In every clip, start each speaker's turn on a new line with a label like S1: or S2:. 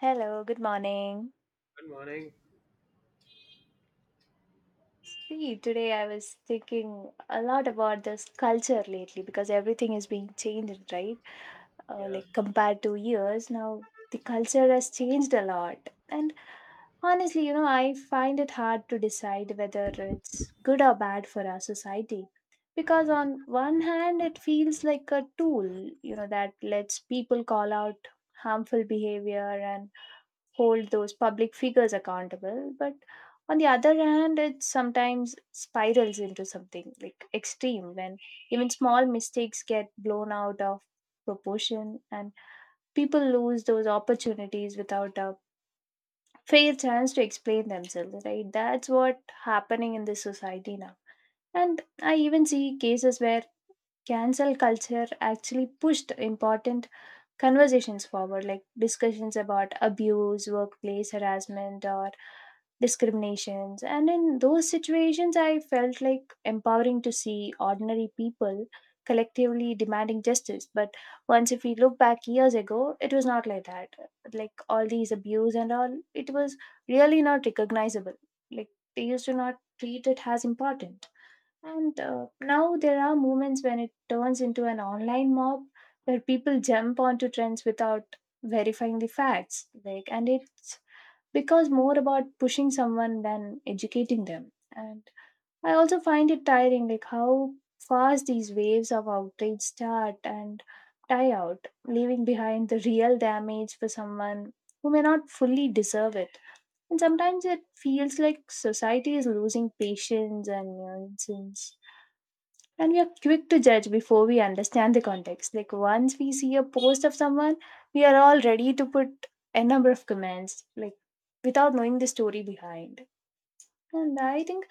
S1: Hello, good morning.
S2: Good morning.
S1: See, today I was thinking a lot about this culture lately because everything is being changed, right? Uh,
S2: Yeah.
S1: like compared to years now, the culture has changed a lot. And honestly, I find it hard to decide whether it's good or bad for our society. Because on one hand, it feels like a tool, that lets people call out harmful behavior and hold those public figures accountable, but on the other hand it sometimes spirals into something like extreme when even small mistakes get blown out of proportion and people lose those opportunities without a fair chance to explain themselves, right? That's what happening in this society now. And I even see cases where cancel culture actually pushed important conversations forward, like discussions about abuse, workplace harassment or discriminations. And in those situations, I felt like empowering to see ordinary people collectively demanding justice. But once, if we look back years ago, it was not like that. Like all these abuse and all, it was really not recognizable. Like they used to not treat it as important. And now there are moments when it turns into an online mob where people jump onto trends without verifying the facts, like, and it's because more about pushing someone than educating them. And I also find it tiring, like how fast these waves of outrage start and die out, leaving behind the real damage for someone who may not fully deserve it. And sometimes it feels like society is losing patience, and you know, since and we are quick to judge before we understand the context. Like once we see a post of someone, we are all ready to put a number of comments, like, without knowing the story behind. And I think,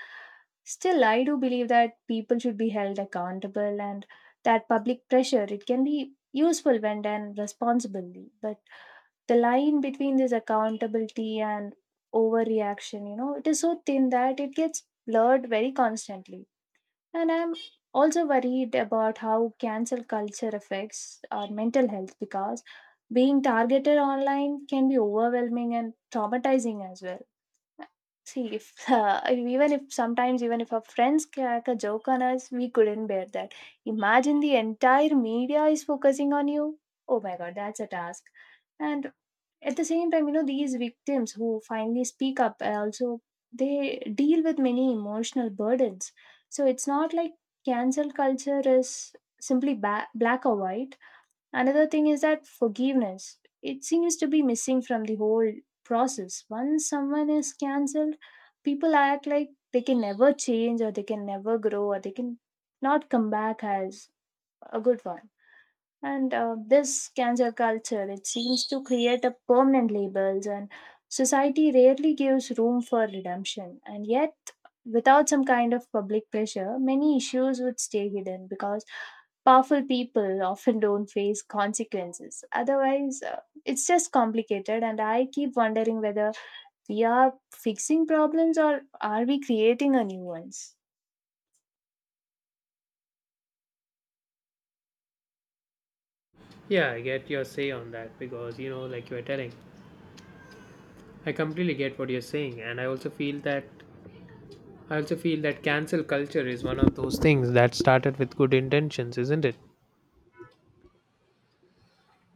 S1: still I do believe that people should be held accountable and that public pressure, it can be useful when done responsibly. But the line between this accountability and overreaction, you know, it is so thin that it gets blurred very constantly. And I'm also worried about how cancel culture affects our mental health because being targeted online can be overwhelming and traumatizing as well. See, if even if sometimes, even if our friends crack a joke on us, we couldn't bear that. Imagine the entire media is focusing on you. Oh my god, that's a task. And at the same time, you know, these victims who finally speak up, also they deal with many emotional burdens, so it's not like cancel culture is simply black or white. Another thing is that forgiveness, it seems to be missing from the whole process. Once someone is cancelled, people act like they can never change, or they can never grow, or they can not come back as a good one. And this cancel culture, it seems to create a permanent labels, and society rarely gives room for redemption. And yet, without some kind of public pressure, many issues would stay hidden because powerful people often don't face consequences. Otherwise, it's just complicated. And I keep wondering whether we are fixing problems, or are we creating a new ones?
S2: Yeah, I get your say on that because you know, like you are telling, I completely get what you're saying, and I also feel that cancel culture is one of those things that started with good intentions, isn't it?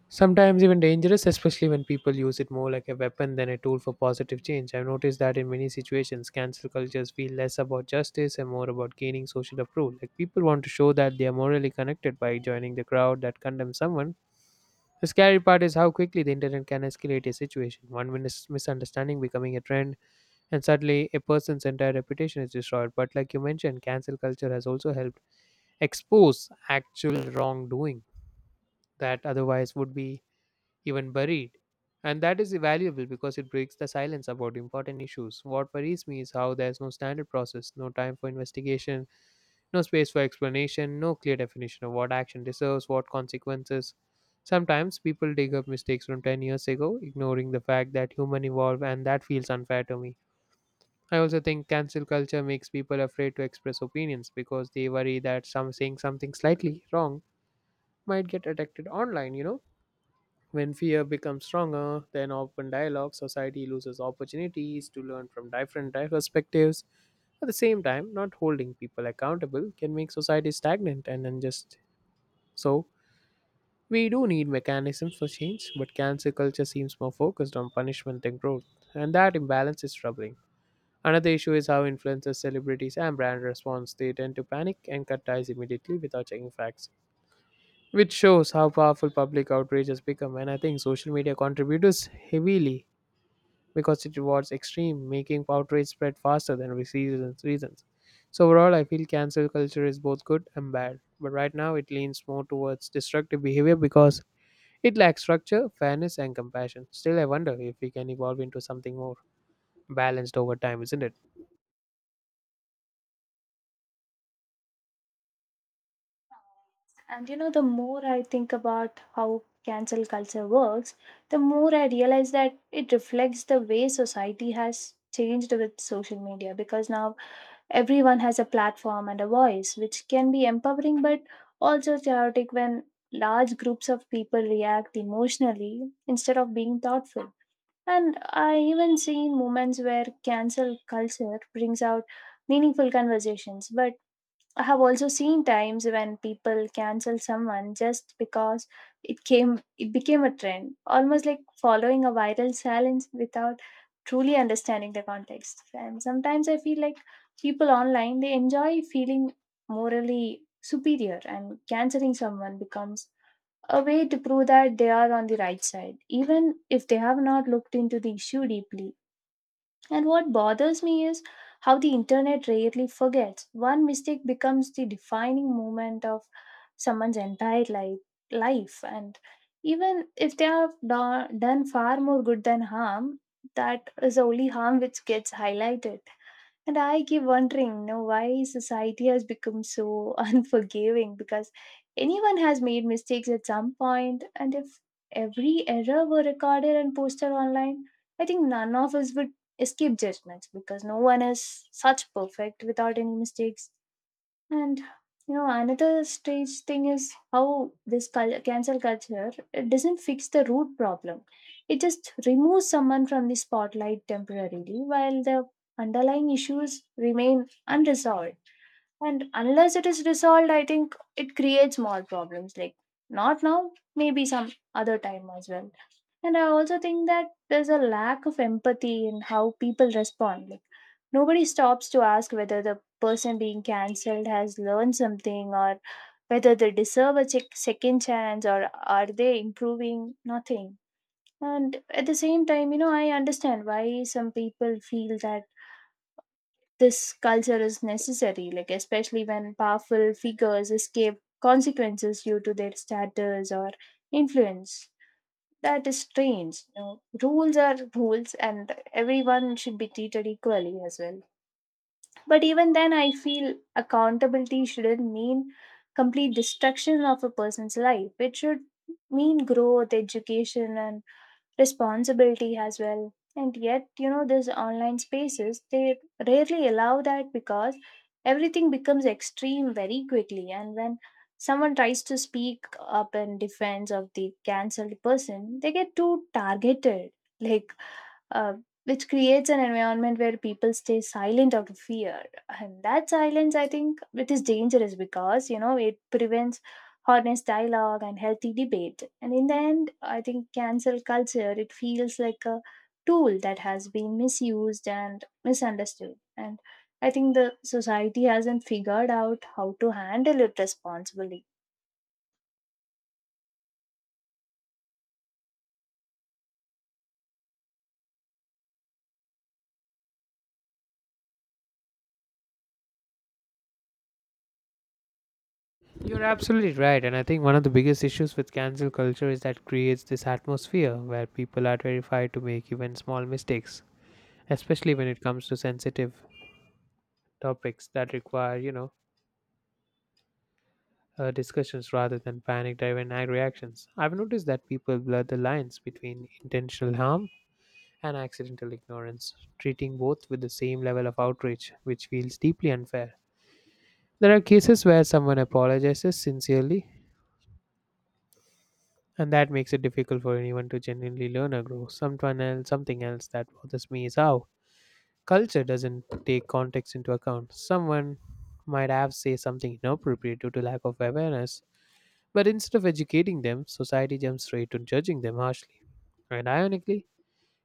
S2: Sometimes even dangerous, especially when people use it more like a weapon than a tool for positive change. I've noticed that in many situations, cancel cultures feel less about justice and more about gaining social approval. Like people want to show that they are morally connected by joining the crowd that condemns someone. The scary part is how quickly the internet can escalate a situation. Misunderstanding becoming a trend, and suddenly a person's entire reputation is destroyed. But, like you mentioned, cancel culture has also helped expose actual wrongdoing that otherwise would be even buried. And that is valuable because it breaks the silence about important issues. What worries me is how there's no standard process, no time for investigation, no space for explanation, no clear definition of what action deserves, what consequences. Sometimes people dig up mistakes from 10 years ago, ignoring the fact that humans evolve, and that feels unfair to me. I also think cancel culture makes people afraid to express opinions because they worry that some saying something slightly wrong might get detected online. When fear becomes stronger than open dialogue, society loses opportunities to learn from perspectives. At the same time, not holding people accountable can make society stagnant and unjust. So, we do need mechanisms for change, but cancel culture seems more focused on punishment than growth, and that imbalance is troubling. Another issue is how influencers, celebrities, and brand response. They tend to panic and cut ties immediately without checking facts, which shows how powerful public outrage has become. And I think social media contributors heavily because it rewards extreme, making outrage spread faster than reasons. So overall, I feel cancel culture is both good and bad. But right now, it leans more towards destructive behavior because it lacks structure, fairness, and compassion. Still, I wonder if we can evolve into something more balanced over time, isn't it?
S1: And you know, the more I think about how cancel culture works, the more I realize that it reflects the way society has changed with social media, because now everyone has a platform and a voice, which can be empowering but also chaotic when large groups of people react emotionally instead of being thoughtful. And I even seen moments where cancel culture brings out meaningful conversations, but I have also seen times when people cancel someone just because it became a trend, almost like following a viral silence without truly understanding the context. And sometimes I feel like people online, they enjoy feeling morally superior, and canceling someone becomes a way to prove that they are on the right side, even if they have not looked into the issue deeply. And what bothers me is how the internet rarely forgets. One mistake becomes the defining moment of someone's entire life. And even if they have done far more good than harm, that is the only harm which gets highlighted. And I keep wondering, you know, why society has become so unforgiving, because anyone has made mistakes at some point, and if every error were recorded and posted online, I think none of us would escape judgments, because no one is such perfect without any mistakes. And you know, another strange thing is how this cancel culture, it doesn't fix the root problem. It just removes someone from the spotlight temporarily, while the underlying issues remain unresolved. And unless it is resolved, I think it creates more problems. Like not now, maybe some other time as well. And I also think that there's a lack of empathy in how people respond. Like nobody stops to ask whether the person being cancelled has learned something, or whether they deserve a second chance, or are they improving nothing. And at the same time, you know, I understand why some people feel that this culture is necessary, like especially when powerful figures escape consequences due to their status or influence. That is strange. You know, rules are rules, and everyone should be treated equally as well. But even then, I feel accountability shouldn't mean complete destruction of a person's life. It should mean growth, education, and responsibility as well. And yet, you know, these online spaces, they rarely allow that, because everything becomes extreme very quickly, and when someone tries to speak up in defense of the cancelled person, they get too targeted, like, uh, which creates an environment where people stay silent out of fear. And that silence, I think, it is dangerous, because you know it prevents honest dialogue and healthy debate. And in the end, I think cancel culture, it feels like a tool that has been misused and misunderstood. And I think the society hasn't figured out how to handle it responsibly.
S2: You're absolutely right. And I think one of the biggest issues with cancel culture is that it creates this atmosphere where people are terrified to make even small mistakes, especially when it comes to sensitive topics that require, discussions rather than panic driven reactions. I've noticed that people blur the lines between intentional harm and accidental ignorance, treating both with the same level of outrage, which feels deeply unfair. There are cases where someone apologizes sincerely, and that makes it difficult for anyone to genuinely learn or grow. Someone else, something else that bothers me is how culture doesn't take context into account. Someone might have say something inappropriate due to lack of awareness. But instead of educating them, society jumps straight to judging them harshly. And ironically,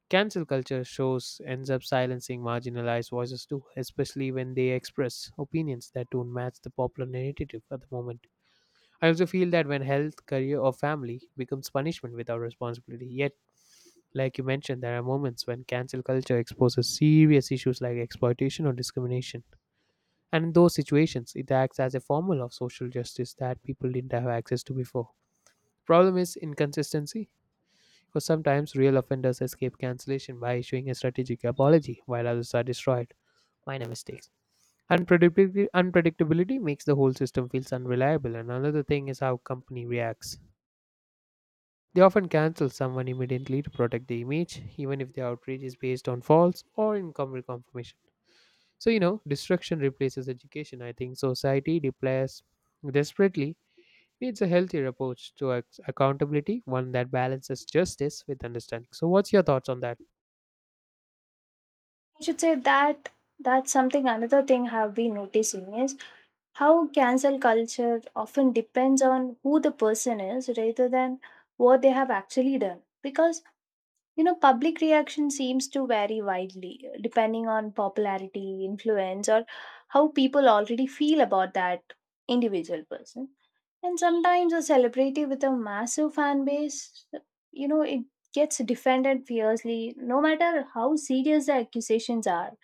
S2: cancel culture shows ends up silencing marginalized voices too, especially when they express opinions that don't match the popular narrative at the moment. I also feel that when health, career, or family becomes punishment without responsibility, yet, like you mentioned, there are moments when cancel culture exposes serious issues like exploitation or discrimination. And in those situations, it acts as a formula of social justice that people didn't have access to before. Problem is inconsistency, because sometimes real offenders escape cancellation by issuing a strategic apology while others are destroyed minor mistakes. Unpredictability makes the whole system feels unreliable, and another thing is how company reacts. They often cancel someone immediately to protect the image, even if the outrage is based on false or incomplete confirmation. So you know, destruction replaces education. I think society deploys desperately. It's a healthier approach to accountability, one that balances justice with understanding. So, what's your thoughts on that?
S1: I should say that that's something another thing have been noticing is how cancel culture often depends on who the person is rather than what they have actually done, because you know public reaction seems to vary widely depending on popularity, influence, or how people already feel about that individual person. And sometimes a celebrity with a massive fan base, you know, it gets defended fiercely, no matter how serious the accusations are,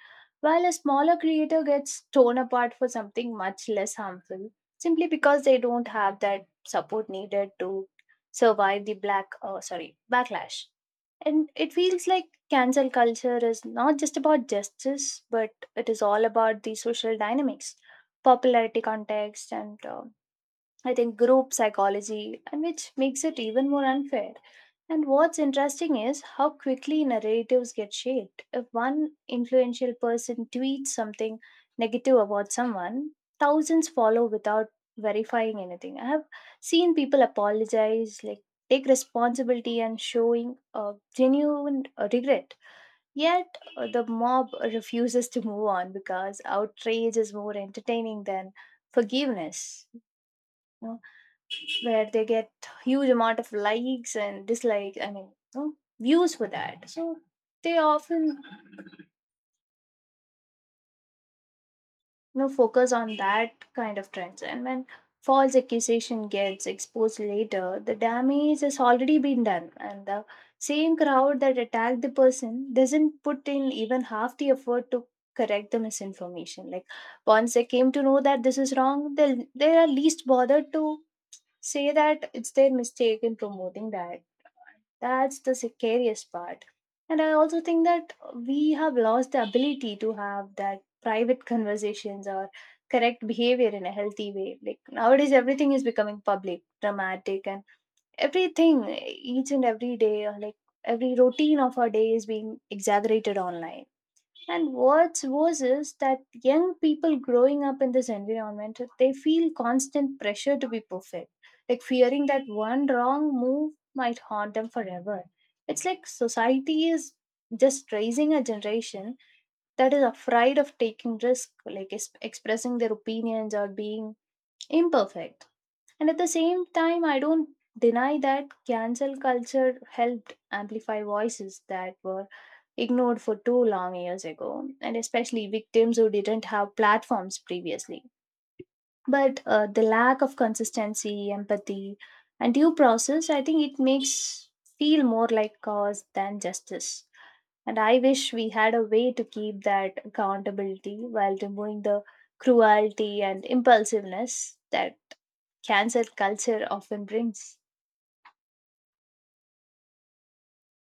S1: while a smaller creator gets torn apart for something much less harmful, simply because they don't have that support needed to survive the backlash. And it feels like cancel culture is not just about justice, but it is all about the social dynamics, popularity context, and I think group psychology, and which makes it even more unfair. And what's interesting is how quickly narratives get shaped. If one influential person tweets something negative about someone, thousands follow without verifying anything. I have seen people apologize, like take responsibility, and showing a genuine regret. Yet the mob refuses to move on because outrage is more entertaining than forgiveness, where they get huge amount of likes and dislikes, I mean, you know, views for that. So they often, you know, focus on that kind of trends. And when false accusation gets exposed later, the damage has already been done, and the same crowd that attacked the person doesn't put in even half the effort to correct the misinformation. Like once they came to know that this is wrong, they are least bothered to say that it's their mistake in promoting that. That's the scariest part. And I also think that we have lost the ability to have that private conversations or correct behavior in a healthy way. Like nowadays, everything is becoming public, dramatic, and everything, each and every day, or like every routine of our day is being exaggerated online. And what's worse is that young people growing up in this environment, they feel constant pressure to be perfect, like fearing that one wrong move might haunt them forever. It's like society is just raising a generation that is afraid of taking risk, like expressing their opinions or being imperfect. And at the same time, I don't deny that cancel culture helped amplify voices that were ignored for too long years ago, and especially victims who didn't have platforms previously. But the lack of consistency, empathy, and due process, I think it makes feel more like cause than justice. And I wish we had a way to keep that accountability while removing the cruelty and impulsiveness that cancel culture often brings.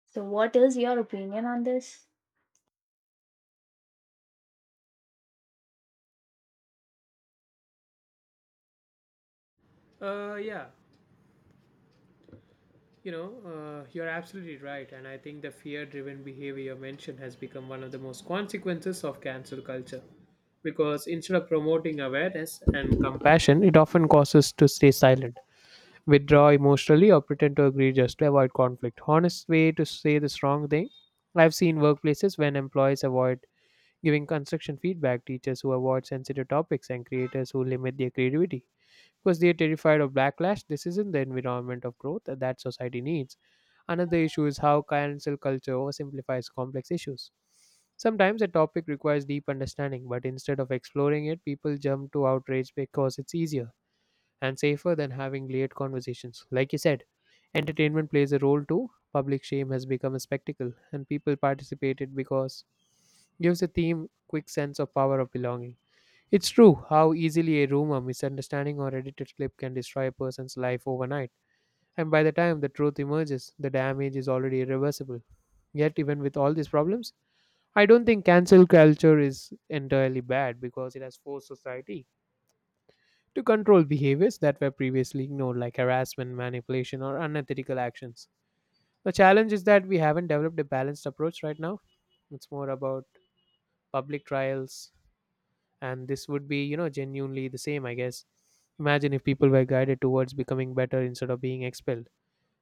S1: So, what is your opinion on this?
S2: Uh, yeah, you know, you're absolutely right. And I think the fear driven behavior mentioned has become one of the most consequences of cancel culture. Because instead of promoting awareness and compassion, it often causes to stay silent, withdraw emotionally, or pretend to agree just to avoid conflict. Honest way to say this wrong thing. I've seen workplaces when employees avoid giving construction feedback, teachers who avoid sensitive topics, and creators who limit their creativity. Because they are terrified of backlash, this isn't the environment of growth that society needs. Another issue is how cancel culture oversimplifies complex issues. Sometimes a topic requires deep understanding, but instead of exploring it, people jump to outrage because it's easier and safer than having late conversations. Like you said, entertainment plays a role too. Public shame has become a spectacle, and people participated because gives the theme quick sense of power of belonging. It's true how easily a rumor, misunderstanding, or edited clip can destroy a person's life overnight. And by the time the truth emerges, the damage is already irreversible. Yet, even with all these problems, I don't think cancel culture is entirely bad because it has forced society to control behaviors that were previously ignored, like harassment, manipulation, or unethical actions. The challenge is that we haven't developed a balanced approach right now. It's more about public trials, and this would be, you know, genuinely the same, I guess. Imagine if people were guided towards becoming better instead of being expelled.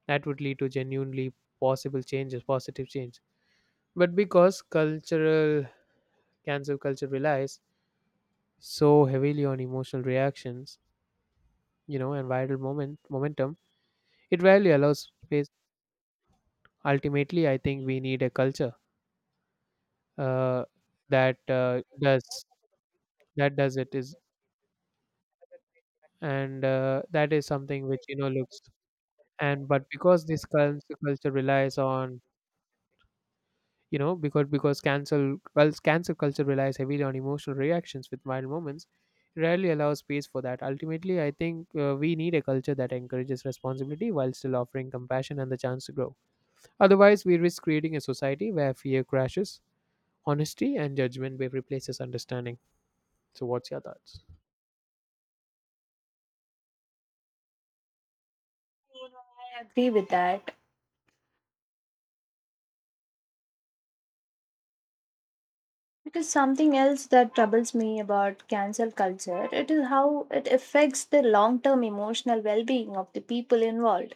S2: That would lead to genuinely possible changes, positive change. But because cultural cancel culture relies so heavily on emotional reactions, you know, and viral momentum, it rarely allows space. Ultimately, I think we need a culture uh, that does that does it is, and that is something which you know looks and but because this cul- culture relies on you know because cancel well, cancel culture relies heavily on emotional reactions with viral moments. It rarely allows space for that. Ultimately, I think we need a culture that encourages responsibility while still offering compassion and the chance to grow. Otherwise, we risk creating a society where fear crashes honesty and judgment replaces understanding. So, what's your thoughts?
S1: I agree with that. It is something else that troubles me about cancel culture. It is how it affects the long term emotional well being of the people involved.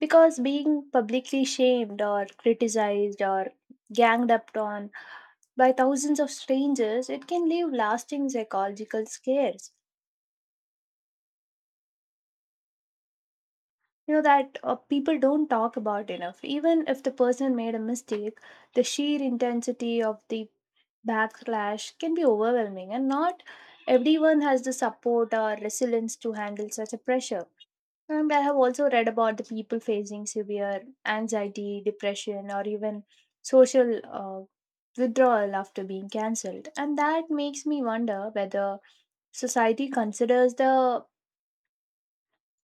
S1: Because being publicly shamed or criticized or ganged up on by thousands of strangers, it can leave lasting psychological scares, you know that people don't talk about enough. Even if the person made a mistake, the sheer intensity of the backlash can be overwhelming, and not everyone has the support or resilience to handle such a pressure. And I have also read about the people facing severe anxiety, depression, or even social uh, withdrawal after being cancelled, and that makes me wonder whether society considers the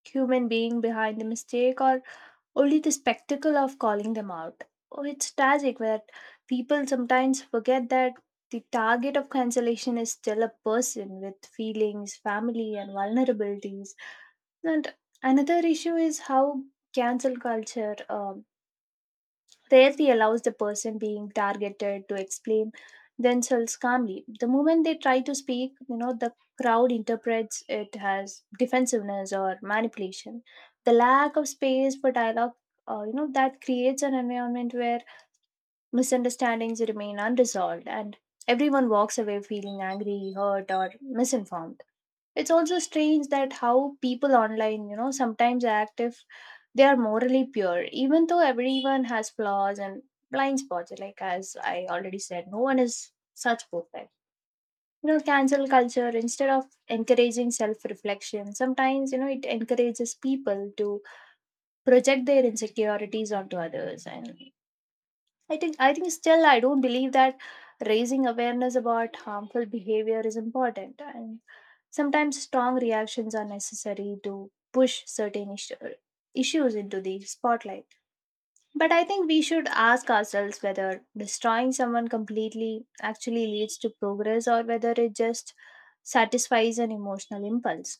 S1: human being behind the mistake or only the spectacle of calling them out. Oh, it's tragic that people sometimes forget that the target of cancellation is still a person with feelings, family, and vulnerabilities. And another issue is how cancel culture rarely allows the person being targeted to explain themselves calmly. The moment they try to speak, the crowd interprets it as defensiveness or manipulation. The lack of space for dialogue, that creates an environment where misunderstandings remain unresolved and everyone walks away feeling angry, hurt, or misinformed. It's also strange that how people online, sometimes act if they are morally pure, even though everyone has flaws and blind spots. Like, as I already said, no one is such perfect. You know, cancel culture, instead of encouraging self reflection, sometimes, you know, it encourages people to project their insecurities onto others. And I think still I don't believe that raising awareness about harmful behavior is important, and sometimes strong reactions are necessary to push issues into the spotlight. But I think we should ask ourselves whether destroying someone completely actually leads to progress, or whether it just satisfies an emotional impulse.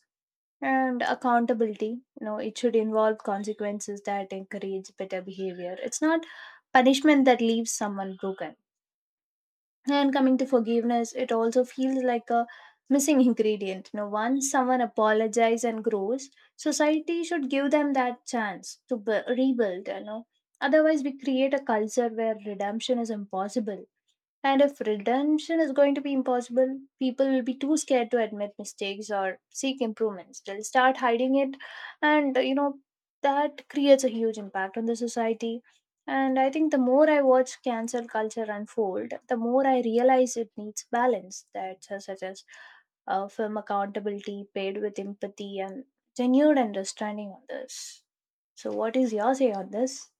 S1: And accountability, you know, it should involve consequences that encourage better behavior. It's not punishment that leaves someone broken. And coming to forgiveness, it also feels like a missing ingredient. You know, once someone apologizes and grows, society should give them that chance to bu rebuild. You know, otherwise we create a culture where redemption is impossible. And if redemption is going to be impossible, people will be too scared to admit mistakes or seek improvements. They'll start hiding it, and, you know, that creates a huge impact on the society. And I think the more I watch cancel culture unfold, the more I realize it needs balance, that such as film accountability paid with empathy and genuine understanding on this. So, what is your say on this?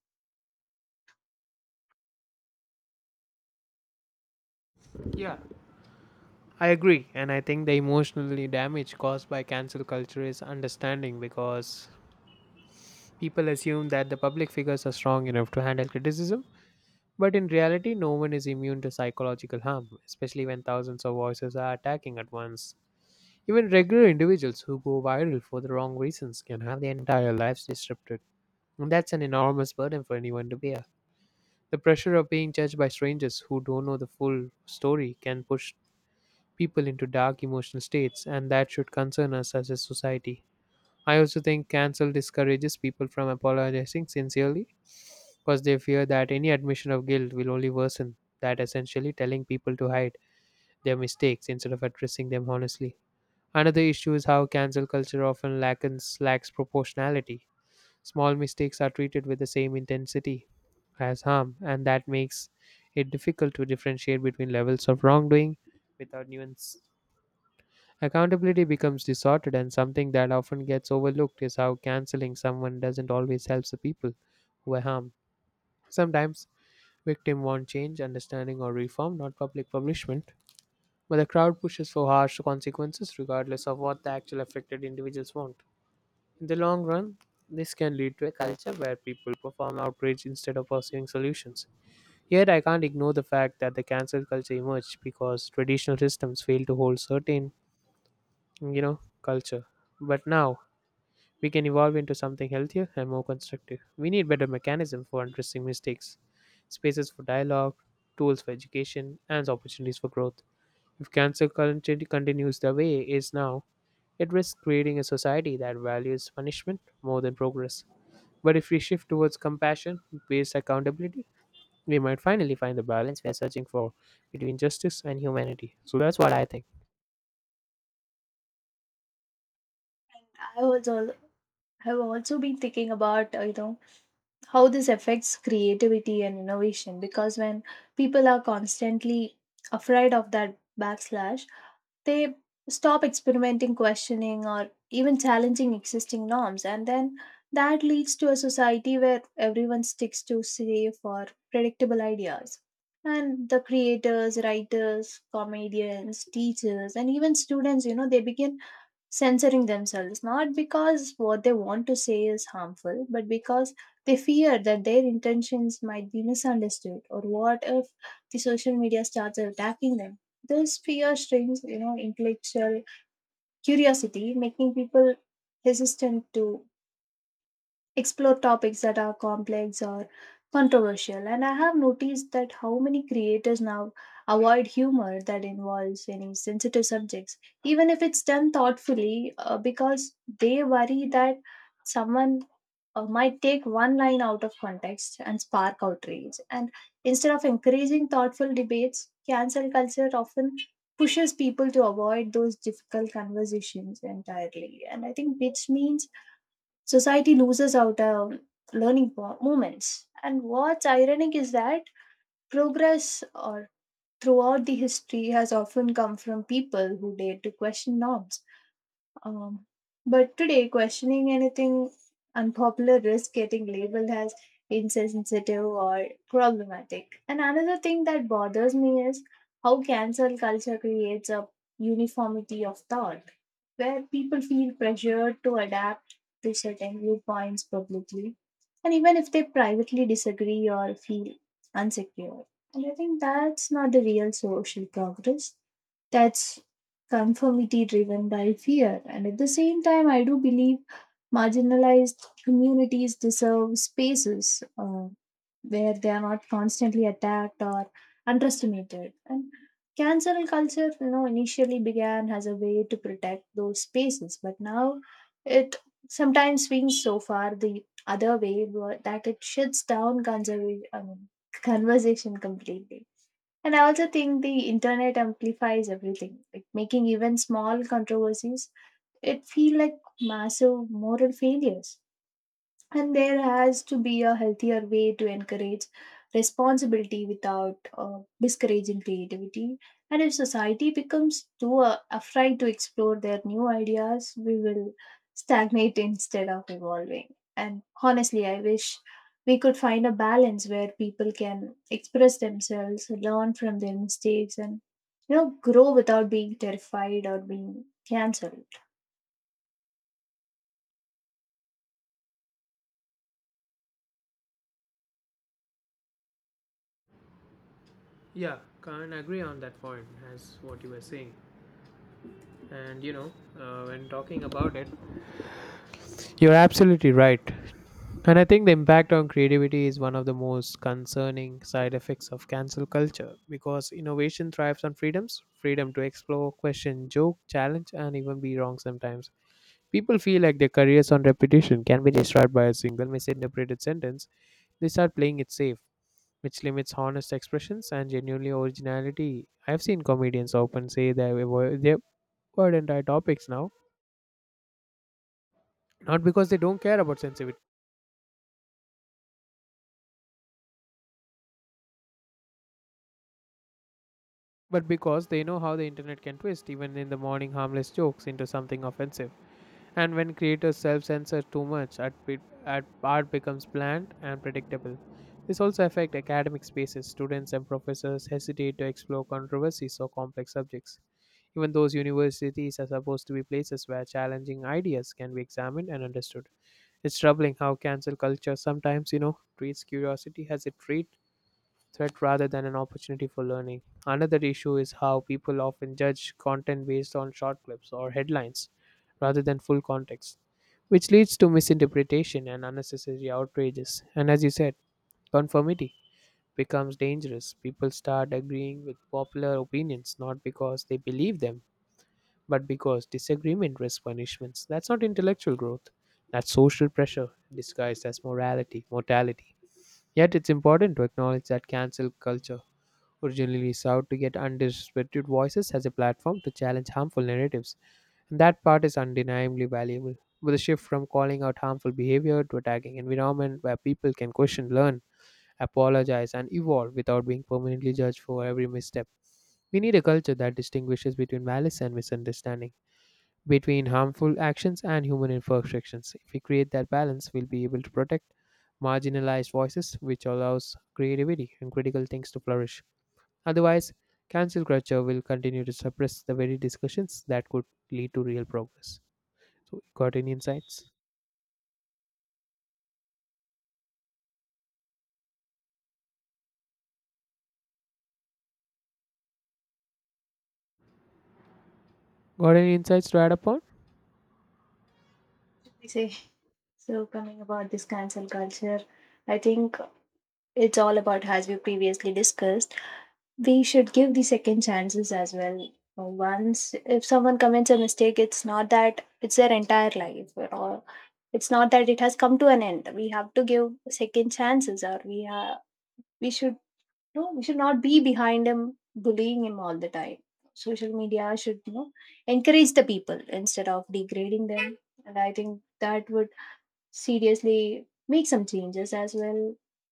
S2: Yeah, I agree. And I think the emotionally damage caused by cancel culture is understanding because people assume that the public figures are strong enough to handle criticism. But in reality, no one is immune to psychological harm, especially when thousands of voices are attacking at once. Even regular individuals who go viral for the wrong reasons can have their entire lives disrupted. And that's an enormous burden for anyone to bear. The pressure of being judged by strangers who don't know the full story can push people into dark emotional states, and that should concern us as a society. I also think cancel discourages people from apologizing sincerely because they fear that any admission of guilt will only worsen that, essentially telling people to hide their mistakes instead of addressing them honestly. Another issue is how cancel culture often lacks proportionality. Small mistakes are treated with the same intensity as harm, and that makes it difficult to differentiate between levels of wrongdoing without nuance. Accountability becomes distorted, and something that often gets overlooked is how canceling someone doesn't always help the people who are harmed. Sometimes victims want change, understanding, or reform, not public punishment. But the crowd pushes for harsh consequences, regardless of what the actual affected individuals want. In the long run, this can lead to a culture where people perform outrage instead of pursuing solutions. Yet, I can't ignore the fact that the cancel culture emerged because traditional systems fail to hold certain, you know, culture. But now, we can evolve into something healthier and more constructive. We need better mechanisms for addressing mistakes, spaces for dialogue, tools for education, and opportunities for growth. If cancer culture continues the way it is now, it risks creating a society that values punishment more than progress. But if we shift towards compassion based accountability, we might finally find the balance we are searching for between justice and humanity. So that's what I think.
S1: I was al- have also been thinking about, you know, how this affects creativity and innovation. Because when people are constantly afraid of that backslash, they stop experimenting, questioning, or even challenging existing norms, and then that leads to a society where everyone sticks to safe or predictable ideas. And the creators, writers, comedians, teachers, and even students, you know, they begin censoring themselves, not because what they want to say is harmful, but because they fear that their intentions might be misunderstood, or what if the social media starts attacking them? This fear strains, you know, intellectual curiosity, making people hesitant to explore topics that are complex or controversial. And I have noticed that how many creators now avoid humor that involves any sensitive subjects, even if it's done thoughtfully, because they worry that someone might take one line out of context and spark outrage. And instead of encouraging thoughtful debates, cancel culture often pushes people to avoid those difficult conversations entirely. And I think, which means society loses out learning moments. And what's ironic is that progress or throughout the history has often come from people who dared to question norms. Um, but today, questioning anything unpopular risks getting labeled as insensitive or problematic. And another thing that bothers me is how cancel culture creates a uniformity of thought, where people feel pressured to adapt to certain viewpoints publicly, and even if they privately disagree or feel insecure. And I think that's not the real social progress. That's conformity driven by fear. And at the same time, I do believe marginalized communities deserve spaces where they are not constantly attacked or underestimated. And cancel culture, you know, initially began as a way to protect those spaces, but now it sometimes swings so far the other way that it shuts down I mean, conversation completely. And I also think the internet amplifies everything, like making even small controversies, it feel like massive moral failures. And there has to be a healthier way to encourage responsibility without discouraging creativity. And if society becomes too afraid to explore their new ideas, we will stagnate instead of evolving. And honestly, I wish we could find a balance where people can express themselves, learn from their mistakes, and, you know, grow without being terrified or being cancelled.
S2: Yeah, can't agree on that point as what you were saying. And you know, when talking about it, you're absolutely right. And I think the impact on creativity is one of the most concerning side effects of cancel culture because innovation thrives on freedoms freedom to explore, question, joke, challenge, and even be wrong sometimes. People feel like their careers on repetition can be destroyed by a single misinterpreted sentence. They start playing it safe, which limits honest expressions and genuinely originality. I've seen comedians often say they avoid their entire topics now. Not because they don't care about sensitivity, but because they know how the internet can twist even in the morning harmless jokes into something offensive. And when creators self censor too much, art, be- art art becomes bland and predictable. This also affects academic spaces. Students and professors hesitate to explore controversies or complex subjects. Even those universities are supposed to be places where challenging ideas can be examined and understood. It's troubling how cancel culture sometimes, you know, treats curiosity as a trait threat rather than an opportunity for learning. Another issue is how people often judge content based on short clips or headlines rather than full context, which leads to misinterpretation and unnecessary outrages. And as you said, conformity becomes dangerous. People start agreeing with popular opinions not because they believe them, but because disagreement risks punishments. That's not intellectual growth. That's social pressure disguised as morality, mortality. Yet it's important to acknowledge that cancel culture originally sought to get underrepresented voices as a platform to challenge harmful narratives. And that part is undeniably valuable. With a shift from calling out harmful behavior to attacking environment where people can question, learn, apologize, and evolve without being permanently judged for every misstep. We need a culture that distinguishes between malice and misunderstanding, between harmful actions and human imperfections. If we create that balance, we'll be able to protect marginalized voices, which allows creativity and critical things to flourish. Otherwise, cancel culture will continue to suppress the very discussions that could lead to real progress. So, got any insights? Got any insights to add upon?
S1: I say, so coming about this cancel culture, I think it's all about, as we previously discussed, we should give the second chances as well. Once if someone commits a mistake, it's not that it's their entire life, or it's not that it has come to an end. We have to give second chances, or we should, no, we should not be behind him, bullying him all the time. Social media should, you know, encourage the people instead of degrading them. And I think that would seriously make some changes as well.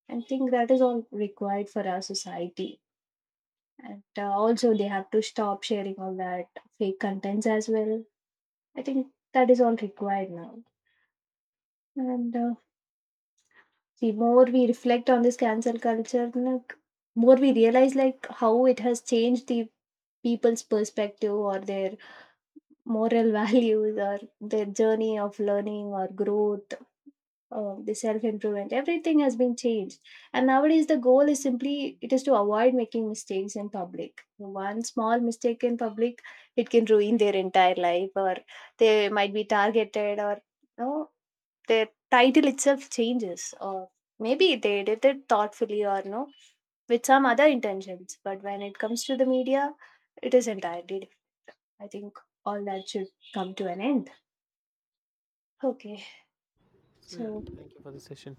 S1: And think that is all required for our society. And also they have to stop sharing all that fake contents as well. I think that is all required now. And the more we reflect on this cancel culture, like more we realize like how it has changed the people's perspective or their moral values or their journey of learning or growth, the self improvement, everything has been changed. And nowadays the goal is simply it is to avoid making mistakes in public. One small mistake in public, it can ruin their entire life, or they might be targeted, or no, their title itself changes, or maybe they did it thoughtfully or no, with some other intentions, but when it comes to the media, it is entirely different. I think all that should come to an end. Okay.
S2: So, yeah,
S1: So
S2: thank you for the session.